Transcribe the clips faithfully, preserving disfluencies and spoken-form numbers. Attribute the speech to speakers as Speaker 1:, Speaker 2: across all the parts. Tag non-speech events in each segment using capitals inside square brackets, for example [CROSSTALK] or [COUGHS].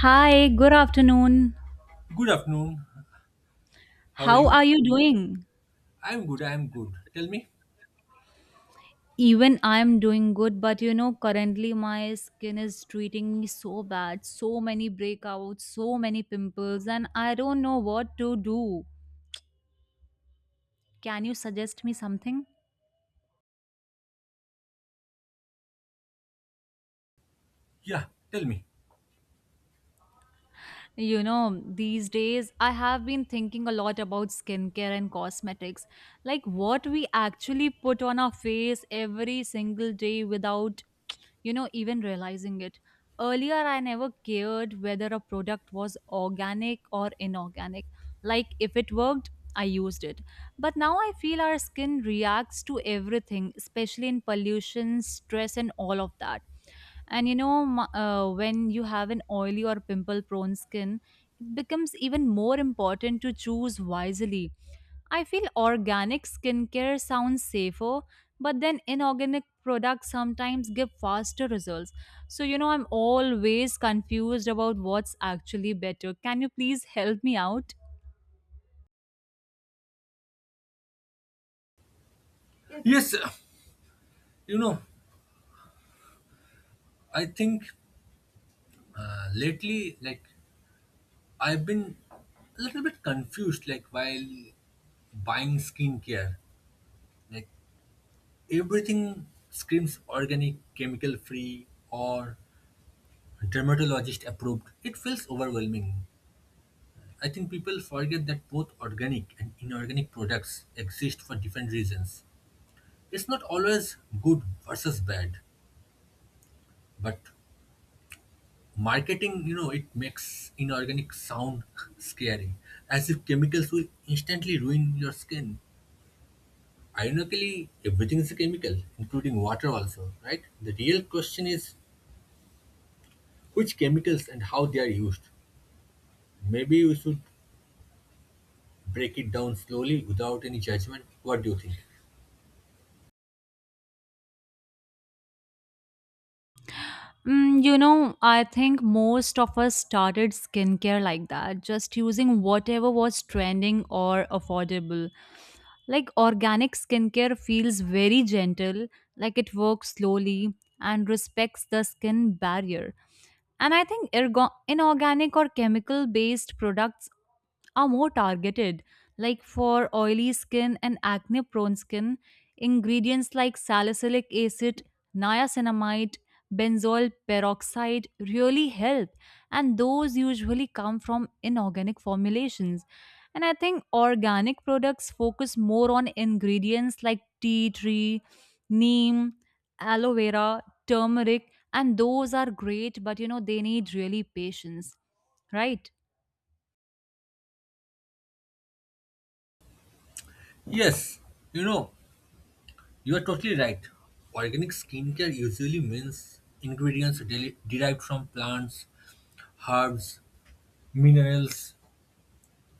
Speaker 1: Hi, good afternoon.
Speaker 2: Good afternoon. How are
Speaker 1: How
Speaker 2: you?
Speaker 1: are you doing?
Speaker 2: I'm good. I'm good. Tell me.
Speaker 1: Even I'm doing good, but you know, currently my skin is treating me so bad. So many breakouts, so many pimples, and I don't know what to do. Can you suggest me something?
Speaker 2: Yeah, tell me.
Speaker 1: You know, these days I have been thinking a lot about skincare and cosmetics. Like what we actually put on our face every single day without you know, even realizing it. Earlier, I never cared whether a product was organic or inorganic. Like, if it worked, I used it. But now I feel our skin reacts to everything, especially in pollution, stress, and all of that. And you know, m- uh, when you have an oily or pimple prone skin, it becomes even more important to choose wisely. I feel organic skincare sounds safer, but then inorganic products sometimes give faster results. So, you know, I'm always confused about what's actually better. Can you please help me out?
Speaker 2: Yeah. Yes, uh, you know, I think uh, lately, like, I've been a little bit confused, like, while buying skincare. Like, everything screams organic, chemical free, or dermatologist approved. It feels overwhelming. I think people forget that both organic and inorganic products exist for different reasons. It's not always good versus bad. But marketing, you know, it makes inorganic sound [LAUGHS] scary, as if chemicals will instantly ruin your skin. Ironically, everything is a chemical, including water also, right? The real question is which chemicals and how they are used. Maybe we should break it down slowly without any judgment. What do you think?
Speaker 1: Mm, you know, I think most of us started skincare like that, just using whatever was trending or affordable. Like organic skincare feels very gentle, like it works slowly and respects the skin barrier. And I think ergo- inorganic or chemical based products are more targeted, like for oily skin and acne prone skin, ingredients like salicylic acid, niacinamide, benzoyl peroxide really help, and those usually come from inorganic formulations. And I think organic products focus more on ingredients like tea tree, neem, aloe vera, turmeric, and those are great, but you know, they need really patience, right?
Speaker 2: Yes, you know, you are totally right. Organic skincare usually means ingredients deli- derived from plants, herbs, minerals,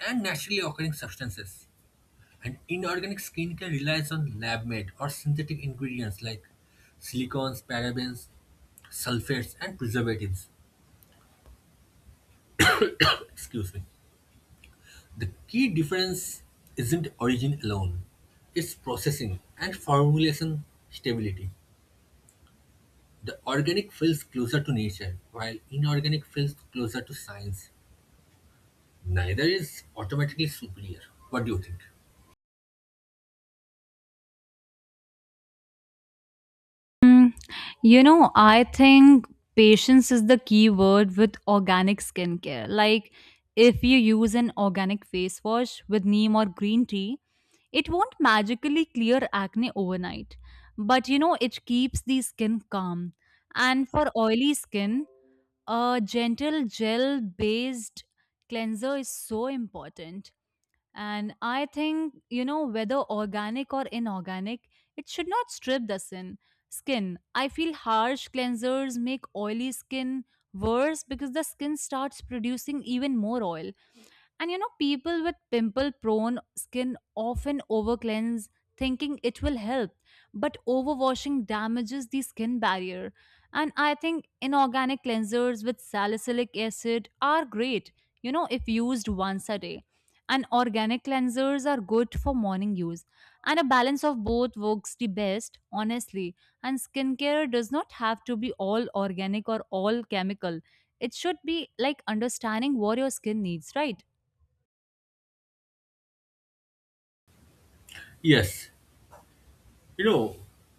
Speaker 2: and naturally occurring substances. And inorganic skincare relies on lab made or synthetic ingredients like silicones, parabens, sulfates, and preservatives. [COUGHS] Excuse me. The key difference isn't origin alone, it's processing and formulation stability. The organic feels closer to nature, while inorganic feels closer to science. Neither is automatically superior. What do you think?
Speaker 1: Mm, you know, I think patience is the key word with organic skincare. Like, if you use an organic face wash with neem or green tea, it won't magically clear acne overnight. But you know, it keeps the skin calm. And for oily skin, a gentle gel based cleanser is so important. And I think, you know, whether organic or inorganic, it should not strip the sin, skin. I feel harsh cleansers make oily skin worse because the skin starts producing even more oil. And you know, people with pimple prone skin often over cleanse thinking it will help, but overwashing damages the skin barrier. And I think inorganic cleansers with salicylic acid are great, you know, if used once a day. And organic cleansers are good for morning use. And a balance of both works the best, honestly. And skincare does not have to be all organic or all chemical. It should be like understanding what your skin needs, right?
Speaker 2: Yes, you know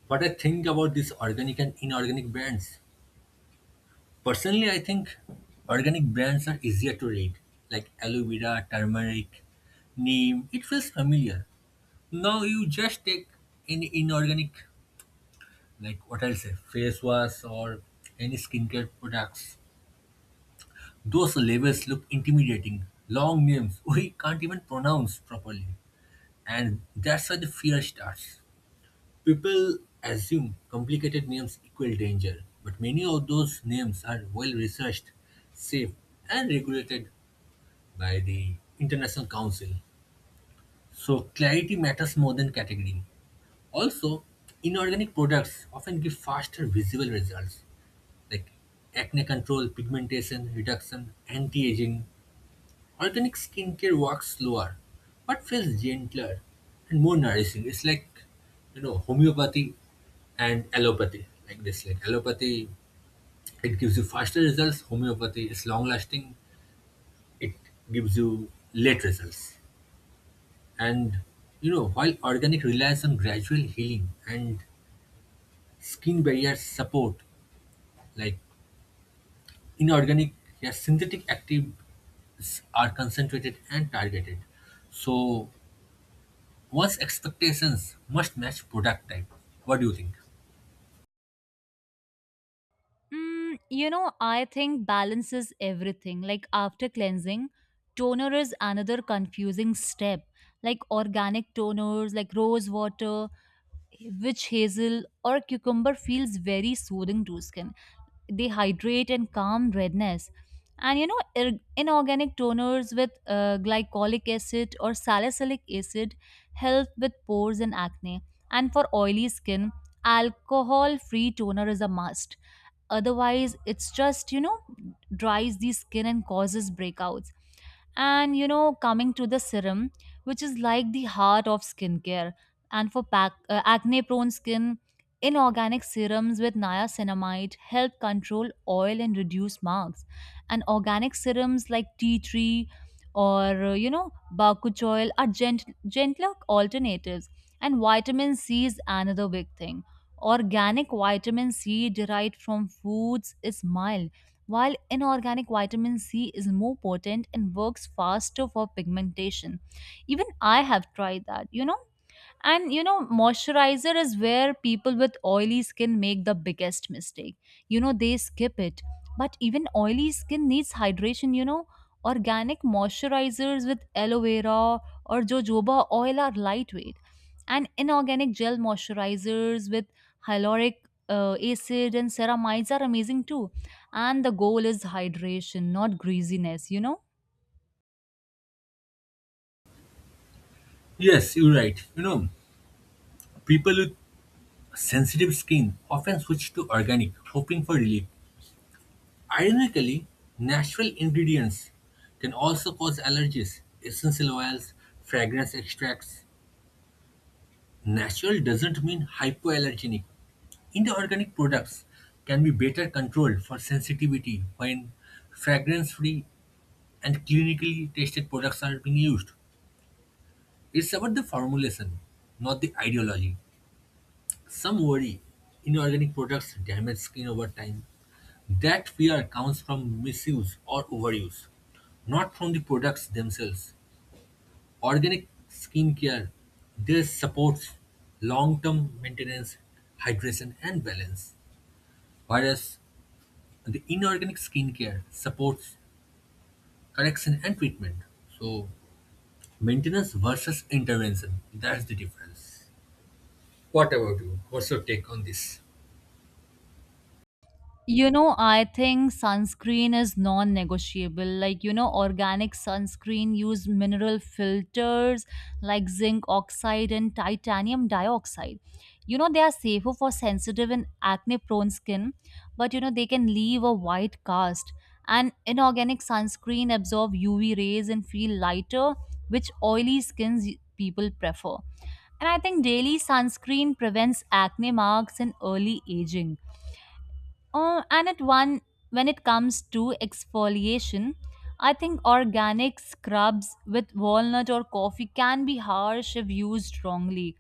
Speaker 2: what I think about these organic and inorganic brands? Personally, I think organic brands are easier to read, like aloe vera, turmeric, neem. It feels familiar. Now you just take any inorganic, like what I'll say, face wash or any skincare products. Those labels look intimidating. Long names [LAUGHS] we can't even pronounce properly. And that's where the fear starts. People assume complicated names equal danger, but many of those names are well researched, safe, and regulated by the International Council. So, clarity matters more than category. Also, inorganic products often give faster visible results like acne control, pigmentation reduction, anti aging. Organic skincare works slower, but feels gentler and more nourishing. It's like, you know, homeopathy and allopathy. Like this, like allopathy, it gives you faster results. Homeopathy is long lasting. It gives you late results. And you know, while organic relies on gradual healing and skin barrier support, like inorganic, yeah, synthetic active are concentrated and targeted. So one's expectations must match product type. What do you think?
Speaker 1: Mm, you know, I think balance is everything. Like after cleansing, toner is another confusing step. Like organic toners, like rose water, witch hazel, or cucumber feels very soothing to skin. They hydrate and calm redness. And you know, ir- inorganic toners with uh, glycolic acid or salicylic acid help with pores and acne. And for oily skin, alcohol-free toner is a must, otherwise it's just you know dries the skin and causes breakouts. And you know coming to the serum, which is like the heart of skincare, and for pac- uh, acne prone skin, inorganic serums with niacinamide help control oil and reduce marks. And organic serums like tea tree or uh, you know bakuch oil are gent- gentler alternatives. And vitamin c is another big thing. Organic vitamin C derived from foods is mild, while inorganic vitamin C is more potent and works faster for pigmentation. Even I have tried that. You know, and you know, moisturizer is where people with oily skin make the biggest mistake. You know, they skip it. But even oily skin needs hydration, you know. Organic moisturizers with aloe vera or jojoba oil are lightweight. And inorganic gel moisturizers with hyaluronic uh, acid and ceramides are amazing too. And the goal is hydration, not greasiness, you know.
Speaker 2: Yes, you're right. You know, people with sensitive skin often switch to organic, hoping for relief. Ironically, natural ingredients can also cause allergies. Essential oils, fragrance extracts. Natural doesn't mean hypoallergenic. Inorganic products can be better controlled for sensitivity when fragrance free and clinically tested products are being used. It's about the formulation, not the ideology. Some worry inorganic products damage skin over time. That fear comes from misuse or overuse, not from the products themselves. Organic skincare this supports long-term maintenance, hydration, and balance, whereas the inorganic skincare supports correction and treatment. So maintenance versus intervention, that's the difference. What about you? What's your take on this?
Speaker 1: You know, I think sunscreen is non negotiable. Like, you know, organic sunscreen use mineral filters like zinc oxide and titanium dioxide. You know, they are safer for sensitive and acne prone skin, but you know, they can leave a white cast. And inorganic sunscreen absorb U V rays and feel lighter, which oily skins people prefer. And I think daily sunscreen prevents acne marks and early aging. Oh, and at one, when it comes to exfoliation, I think organic scrubs with walnut or coffee can be harsh if used wrongly.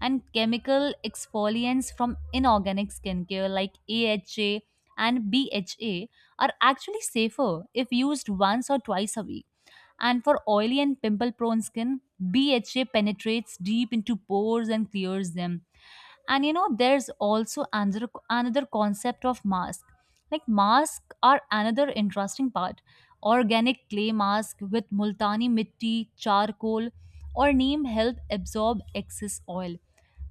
Speaker 1: And chemical exfoliants from inorganic skincare like A H A and B H A are actually safer if used once or twice a week. And for oily and pimple prone skin, B H A penetrates deep into pores and clears them. And you know there's also another another concept of mask. Like masks are another interesting part. Organic clay mask with multani mitti, charcoal, or neem help absorb excess oil.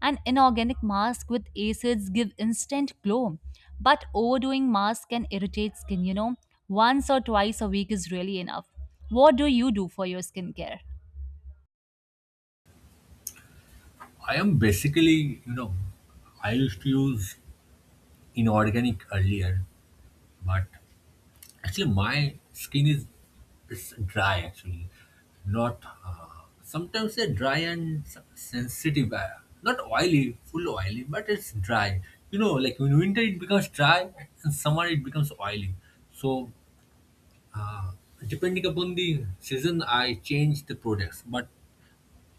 Speaker 1: An inorganic mask with acids give instant glow, but overdoing mask can irritate skin, you know. Once or twice a week is really enough. What do you do for your skincare?
Speaker 2: I am basically, you know, I used to use inorganic earlier, but actually my skin is it's dry actually, not. Uh, sometimes they're dry and s- sensitive, uh, not oily, full oily, but it's dry. You know, like in winter it becomes dry, and summer it becomes oily. So uh, depending upon the season, I change the products, but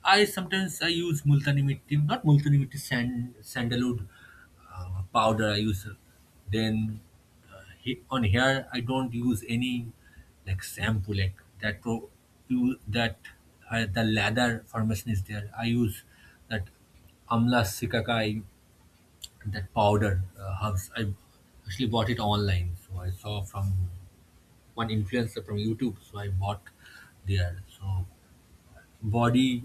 Speaker 2: I sometimes I use multani mitti, not multani mitti, sand, sandalwood uh, powder I use. Then uh, he, on hair I don't use any like shampoo like that. Pro, you that uh, the lather formation is there. I use that amla sikakai that powder uh, herbs. I actually bought it online, so I saw from one influencer from YouTube. So I bought there. So body,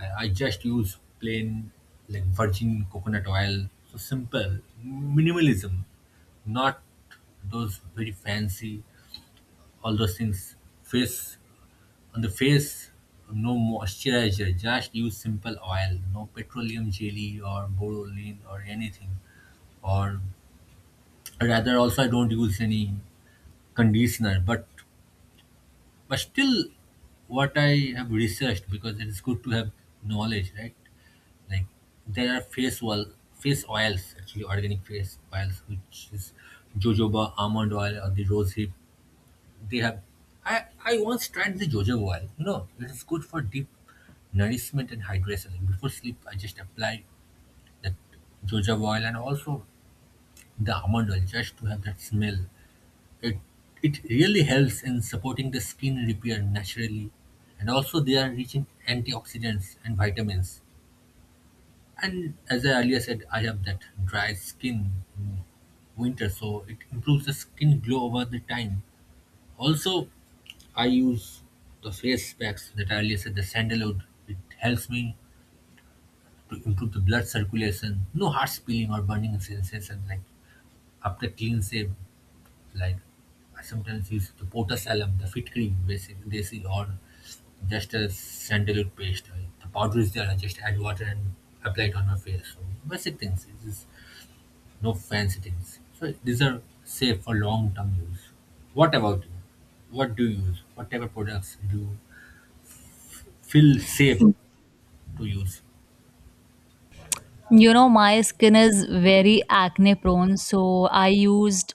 Speaker 2: I, I just use plain like virgin coconut oil. So simple, minimalism, not those very fancy, all those things. Face on the face, no moisturizer, just use simple oil, no petroleum jelly or borolin or anything. Or rather, also, I don't use any conditioner, but but still, what I have researched, because it is good to have knowledge, right? Like there are fish oil, fish oils actually organic fish oils which is jojoba almond oil or the rose hip. They have. I I once tried the jojoba oil. You know it is good for deep nourishment and hydration. Like, before sleep, I just apply that jojoba oil and also the almond oil just to have that smell. It it really helps in supporting the skin repair naturally, and also they are rich in antioxidants and vitamins. And as I earlier said, I have that dry skin in winter, so it improves the skin glow over the time. Also, I use the face packs that I earlier said, the sandalwood. It helps me to improve the blood circulation. No heart peeling or burning sensation like after clean shave. Like I sometimes use the potass alum, the fit cream, basically, desi, or just a sandalwood paste. Like, the powder is there. I just add water and apply it on my face. So basic things. It's no fancy things. So these are safe for long-term use. What about you? What do you use? What type of products do you feel safe to use?
Speaker 1: You know, my skin is very acne prone, so I used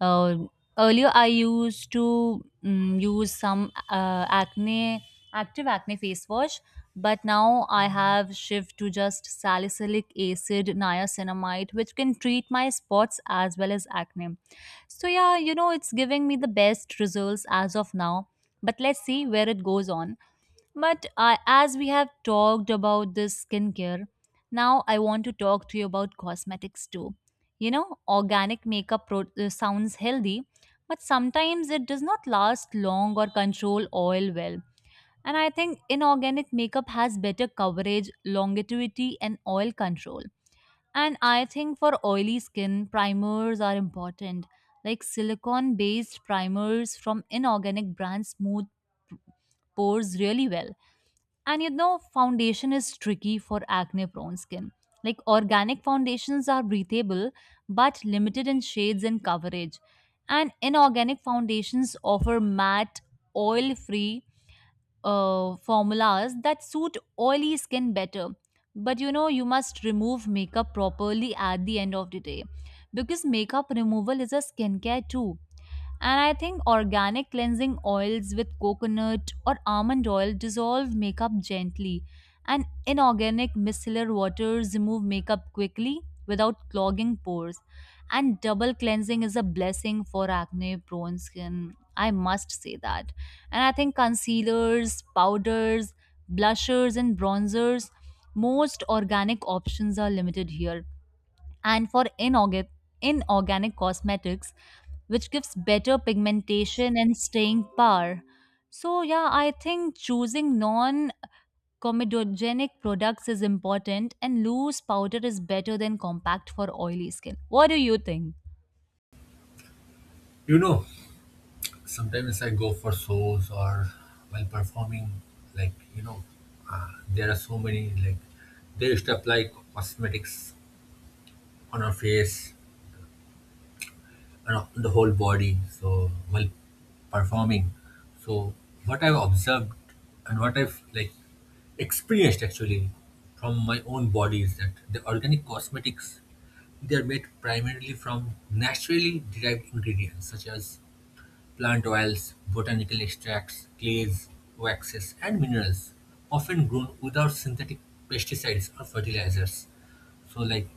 Speaker 1: uh, earlier I used to mm use some uh, acne active acne face wash, but now I have shift to just salicylic acid niacinamide which can treat my spots as well as acne. So yeah, you know it's giving me the best results as of now, but let's see where it goes on. But I, as we have talked about this skincare, now I want to talk to you about cosmetics too. You know, organic makeup pro- uh, sounds healthy, but sometimes it does not last long or control oil well. And I think inorganic makeup has better coverage, longevity, and oil control. And I think for oily skin, primers are important. Like silicone based primers from inorganic brands smooth pores really well. And you know, foundation is tricky for acne prone skin. Like organic foundations are breathable but limited in shades and coverage. And inorganic foundations offer matte, oil free uh, formulas that suit oily skin better. But you know, you must remove makeup properly at the end of the day, because makeup removal is a skincare too. And I think organic cleansing oils with coconut or almond oil dissolve makeup gently, and inorganic micellar waters remove makeup quickly without clogging pores. And double cleansing is a blessing for acne prone skin. I must say that. And I think concealers, powders, blushers, and bronzers, most organic options are limited here. And for inorganic, inorganic cosmetics, which gives better pigmentation and staying power. So, yeah, I think choosing non comedogenic products is important, and loose powder is better than compact for oily skin. What do you think?
Speaker 2: You know, sometimes I go for shows or while performing, like you know, uh, there are so many like they used to apply cosmetics on our face, you know, the whole body. So while performing, so what I've observed and what I've like experienced actually from my own body is that the organic cosmetics, they are made primarily from naturally derived ingredients such as plant oils, botanical extracts, clays, waxes, and minerals, often grown without synthetic pesticides or fertilizers. So, like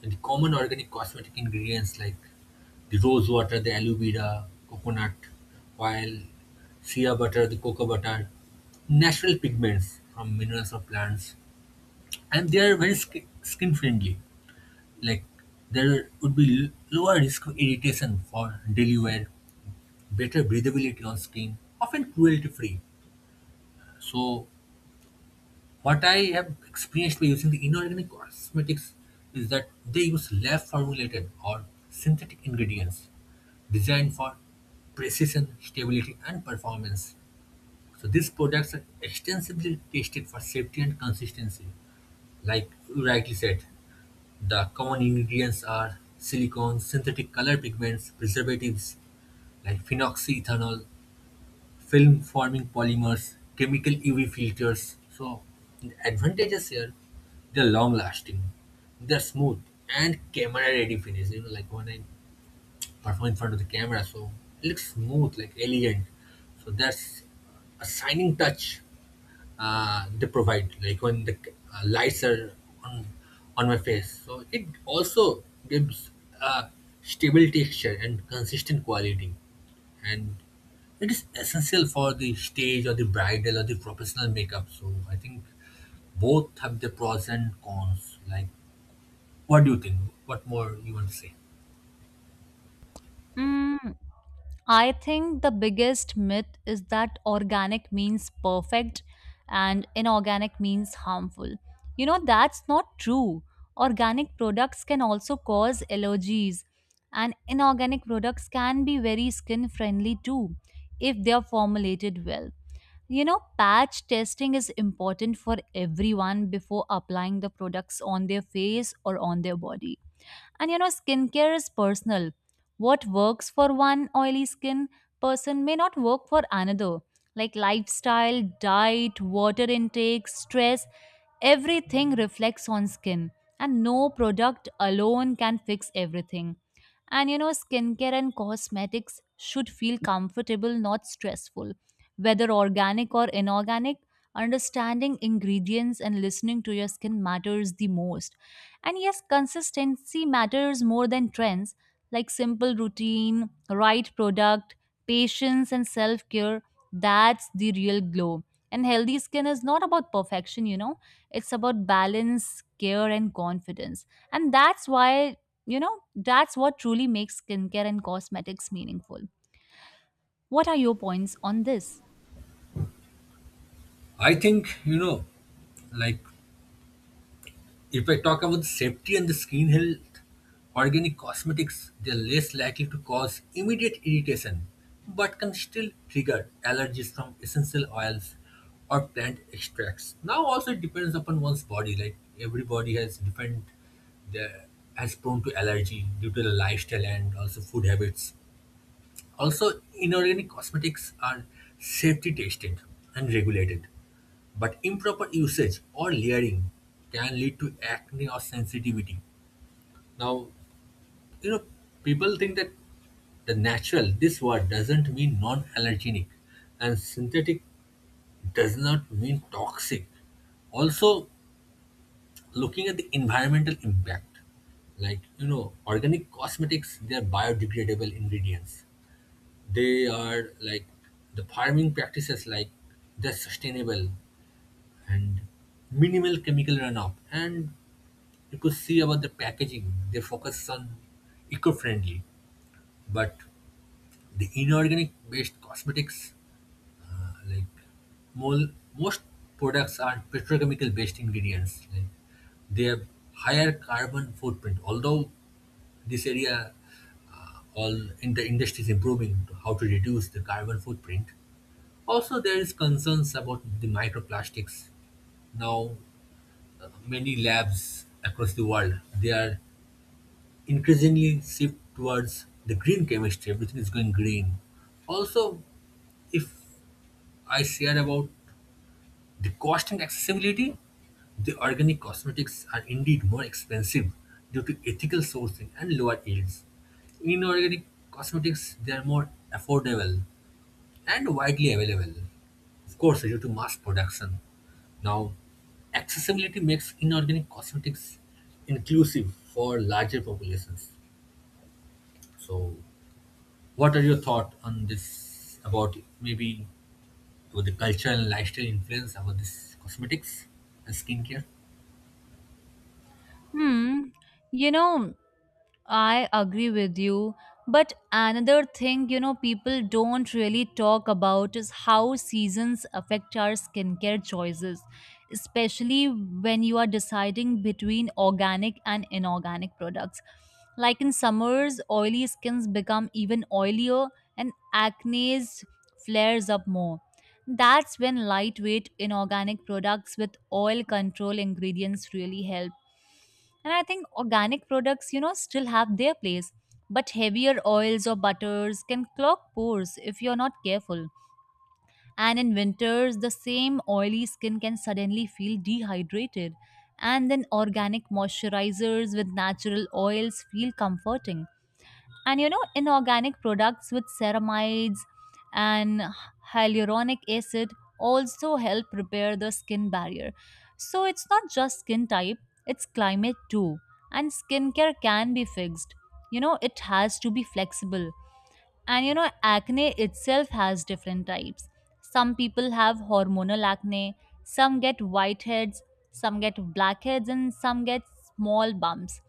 Speaker 2: the common organic cosmetic ingredients like the rose water, the aloe vera, coconut oil, shea butter, the cocoa butter, natural pigments from minerals or plants, and they are very sk- skin friendly. Like there would be l- lower risk of irritation for daily wear, better breathability on skin, often cruelty free. So, what I have experienced by using the inorganic cosmetics is that they use lab formulated or synthetic ingredients designed for precision, stability, and performance. So, these products are extensively tested for safety and consistency. Like you rightly said, the common ingredients are silicone, synthetic color pigments, preservatives like phenoxyethanol, film-forming polymers, chemical U V filters. So the advantages here, they're long-lasting, they're smooth, and camera-ready finish. You know, like when I perform in front of the camera, so it looks smooth, like elegant. So that's a shining touch, uh, they provide, like when the uh, lights are on, on my face, so it also gives a stable texture and consistent quality, and it is essential for the stage or the bridal or the professional makeup. So I think both have the pros and cons. Like, what do you think? What more you want to say?
Speaker 1: Mm, I think the biggest myth is that organic means perfect and inorganic means harmful. You know, that's not true. Organic products can also cause allergies, and inorganic products can be very skin friendly too if they are formulated well. You know, patch testing is important for everyone before applying the products on their face or on their body. And you know, skincare is personal. What works for one oily skin person may not work for another. Like lifestyle, diet, water intake, stress, everything reflects on skin. And no product alone can fix everything. And you know, skincare and cosmetics should feel comfortable, not stressful. Whether organic or inorganic, understanding ingredients and listening to your skin matters the most. And yes, consistency matters more than trends, like simple routine, right product, patience, and self care. That's the real glow. And healthy skin is not about perfection, you know, it's about balance, care, and confidence. And that's why, you know, that's what truly makes skincare and cosmetics meaningful. What are your points on this?
Speaker 2: I think you know like if I talk about the safety and the skin health, organic cosmetics, they are less likely to cause immediate irritation, but can still trigger allergies from essential oils or plant extracts. Now also it depends upon one's body. Like everybody has different, the has prone to allergy due to the lifestyle and also food habits. Also, inorganic cosmetics are safety tested and regulated, but improper usage or layering can lead to acne or sensitivity. Now, you know, people think that the natural, this word doesn't mean non allergenic, and synthetic does not mean toxic. Also, looking at the environmental impact, like, you know, organic cosmetics, they are biodegradable ingredients. They are like the farming practices, like they're sustainable and minimal chemical runoff. And you could see about the packaging, they focus on eco-friendly, but the inorganic-based cosmetics, uh, like mol- most products are petrochemical-based ingredients. Like they have higher carbon footprint, although this area all in the industry is improving to how to reduce the carbon footprint. Also, there is concerns about the microplastics now. Uh, many labs across the world, they are increasingly shift towards the green chemistry. Everything is going green. Also, if I share about the cost and accessibility, the organic cosmetics are indeed more expensive due to ethical sourcing and lower yields. Inorganic cosmetics, they are more affordable and widely available. Of course, due to mass production. Now, accessibility makes inorganic cosmetics inclusive for larger populations. So, what are your thoughts on this about maybe about the cultural and lifestyle influence about this cosmetics and skincare?
Speaker 1: Hmm. You know, I agree with you. But another thing, you know, people don't really talk about is how seasons affect our skincare choices, especially when you are deciding between organic and inorganic products. Like in summers, oily skins become even oilier and acne flares up more. That's when lightweight inorganic products with oil control ingredients really help. And I think organic products, you know, still have their place, but heavier oils or butters can clog pores if you're not careful. And in winters, the same oily skin can suddenly feel dehydrated. And then organic moisturizers with natural oils feel comforting. And you know inorganic products with ceramides and hyaluronic acid also help repair the skin barrier. So it's not just skin type, it's climate too. And skincare can be fixed, you know it has to be flexible. And you know, acne itself has different types. Some people have hormonal acne, some get whiteheads, some get blackheads, and some get small bumps.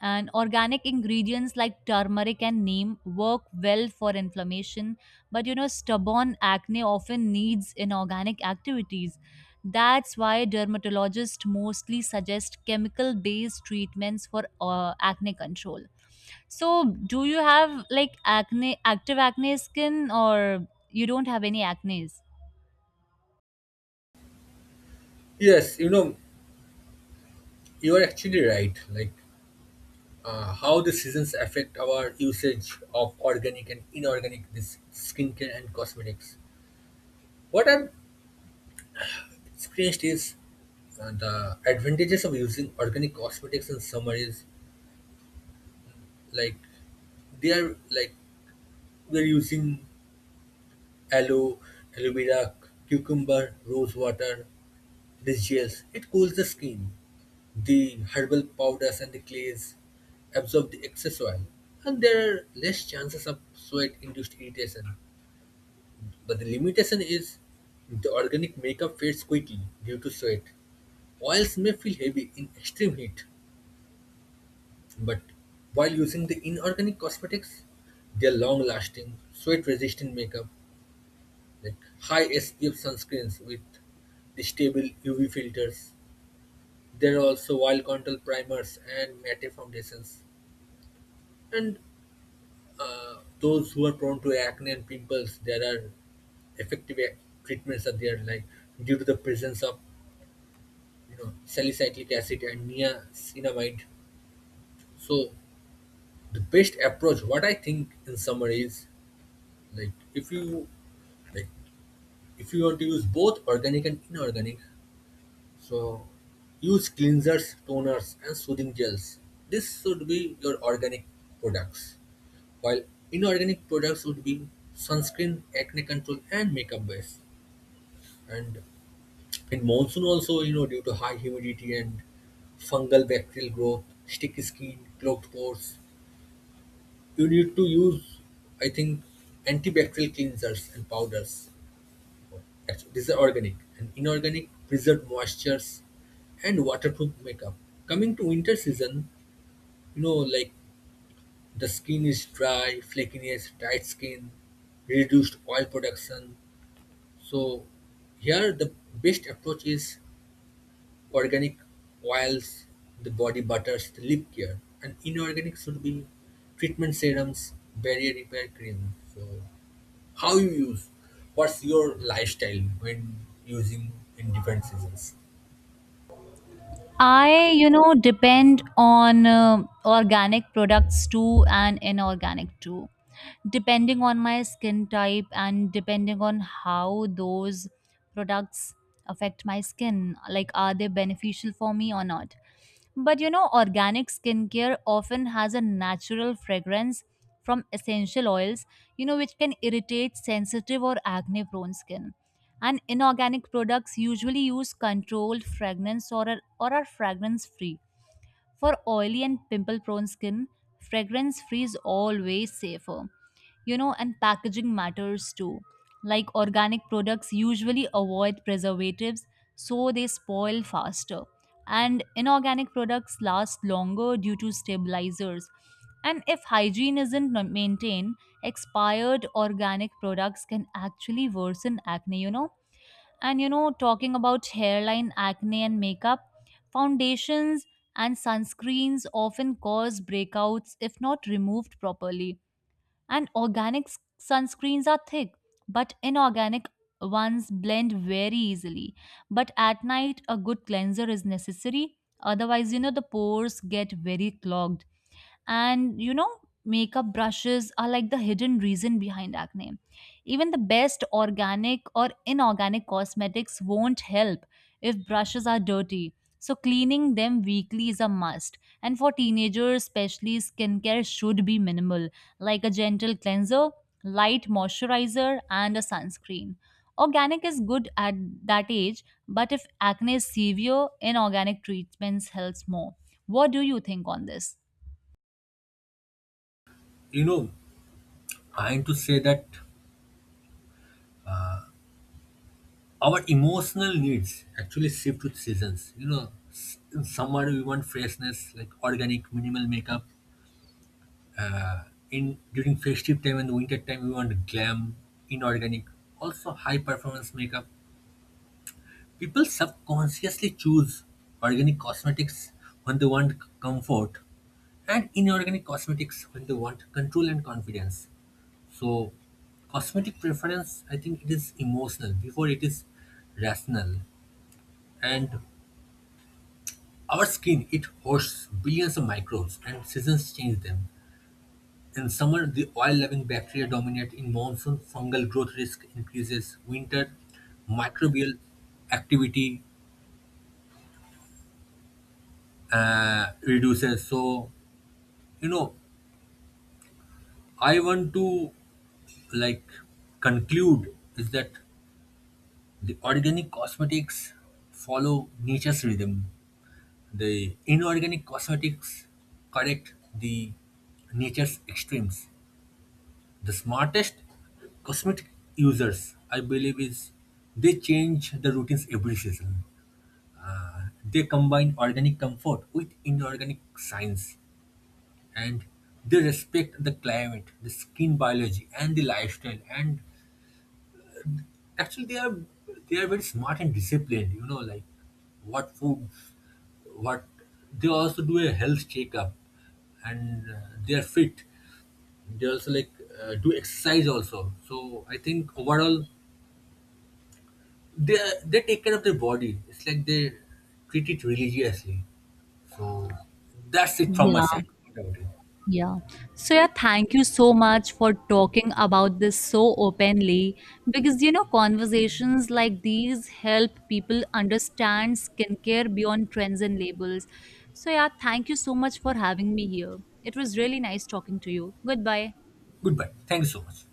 Speaker 1: And organic ingredients like turmeric and neem work well for inflammation, but you know, stubborn acne often needs inorganic activities. That's why dermatologists mostly suggest chemical based treatments for uh, acne control. So, do you have like acne, active acne skin, or you don't have any acne?
Speaker 2: Yes, you know, you are actually right. Like uh, how the seasons affect our usage of organic and inorganic, this skincare and cosmetics. What I've experienced is uh, the advantages of using organic cosmetics in summer is, like, they are, like, we're using aloe, aloe vera, cucumber, rose water. This gels, it cools the skin. The herbal powders and the clays absorb the excess oil, and there are less chances of sweat induced irritation. But the limitation is the organic makeup fades quickly due to sweat. Oils may feel heavy in extreme heat, but while using the inorganic cosmetics, they are long lasting, sweat resistant makeup like high S P F sunscreens with the stable U V filters. There are also wild control primers and matte foundations. And uh, those who are prone to acne and pimples, there are effective ac- treatments are there, like due to the presence of you know salicylic acid and niacinamide. So the best approach, what I think in summary is, like, if you like if you want to use both organic and inorganic, so use cleansers, toners, and soothing gels. This should be your organic products, while inorganic products would be sunscreen, acne control, and makeup base. And in monsoon also, you know, due to high humidity and fungal bacterial growth, sticky skin, clogged pores, you need to use, I think, antibacterial cleansers and powders. Actually, these are organic and inorganic preserved moistures and waterproof makeup. Coming to winter season, you know, like the skin is dry, flakiness, tight skin, reduced oil production. So here the best approach is organic oils, the body butters, the lip care, and inorganic should be treatment serums, barrier repair cream. So how you use, what's your lifestyle when using in different seasons?
Speaker 1: I, you know, depend on uh, organic products too and inorganic too, depending on my skin type and depending on how those products affect my skin. Like, are they beneficial for me or not? But you know, organic skincare often has a natural fragrance from essential oils, you know, which can irritate sensitive or acne prone skin. And inorganic products usually use controlled fragrance or are, or are fragrance free. For oily and pimple prone skin, fragrance free is always safer. You know and packaging matters too. Like organic products usually avoid preservatives, so they spoil faster. And inorganic products last longer due to stabilizers. And if hygiene isn't ma- maintained, expired organic products can actually worsen acne, you know. And you know talking about hairline acne and makeup, foundations and sunscreens often cause breakouts if not removed properly. And organic s- sunscreens are thick, but inorganic ones blend very easily. But at night, a good cleanser is necessary. Otherwise, you know, the pores get very clogged. And you know, makeup brushes are like the hidden reason behind acne. Even the best organic or inorganic cosmetics won't help if brushes are dirty. So, cleaning them weekly is a must. And for teenagers, especially, skincare should be minimal, like a gentle cleanser, light moisturizer, and a sunscreen. Organic is good at that age, but if acne is severe, inorganic treatments helps more. What do you think on this?
Speaker 2: You know i am to say that our emotional needs actually shift with seasons. You know, s- in summer we want freshness, like organic, minimal makeup. Uh, in During festive time and winter time, we want glam, inorganic, also high performance makeup. People subconsciously choose organic cosmetics when they want comfort, and inorganic cosmetics when they want control and confidence. So, cosmetic preference, I think it is emotional before it is rational. And our skin, it hosts billions of microbes, and seasons change them. In summer, the oil-loving bacteria dominate. In monsoon, fungal growth risk increases. Winter, microbial activity uh, reduces. So, you know, I want to, like, conclude is that the organic cosmetics follow nature's rhythm. The inorganic cosmetics correct the nature's extremes. The smartest cosmetic users, I believe, is they change the routines every season. Uh, they combine organic comfort with inorganic science, and they respect the climate, the skin biology, and the lifestyle. And actually, they are they are very smart and disciplined. You know, like what food, what they also do a health checkup, and uh, they are fit. They also like uh, do exercise also. So I think overall they they take care of their body. It's like they treat it religiously. So that's it from my
Speaker 1: Yeah,
Speaker 2: side. What about you?
Speaker 1: yeah. So, yeah, thank you so much for talking about this so openly, because you know, conversations like these help people understand skincare beyond trends and labels. So, yeah, thank you so much for having me here. It was really nice talking to you. Goodbye.
Speaker 2: Goodbye. Thank you so much.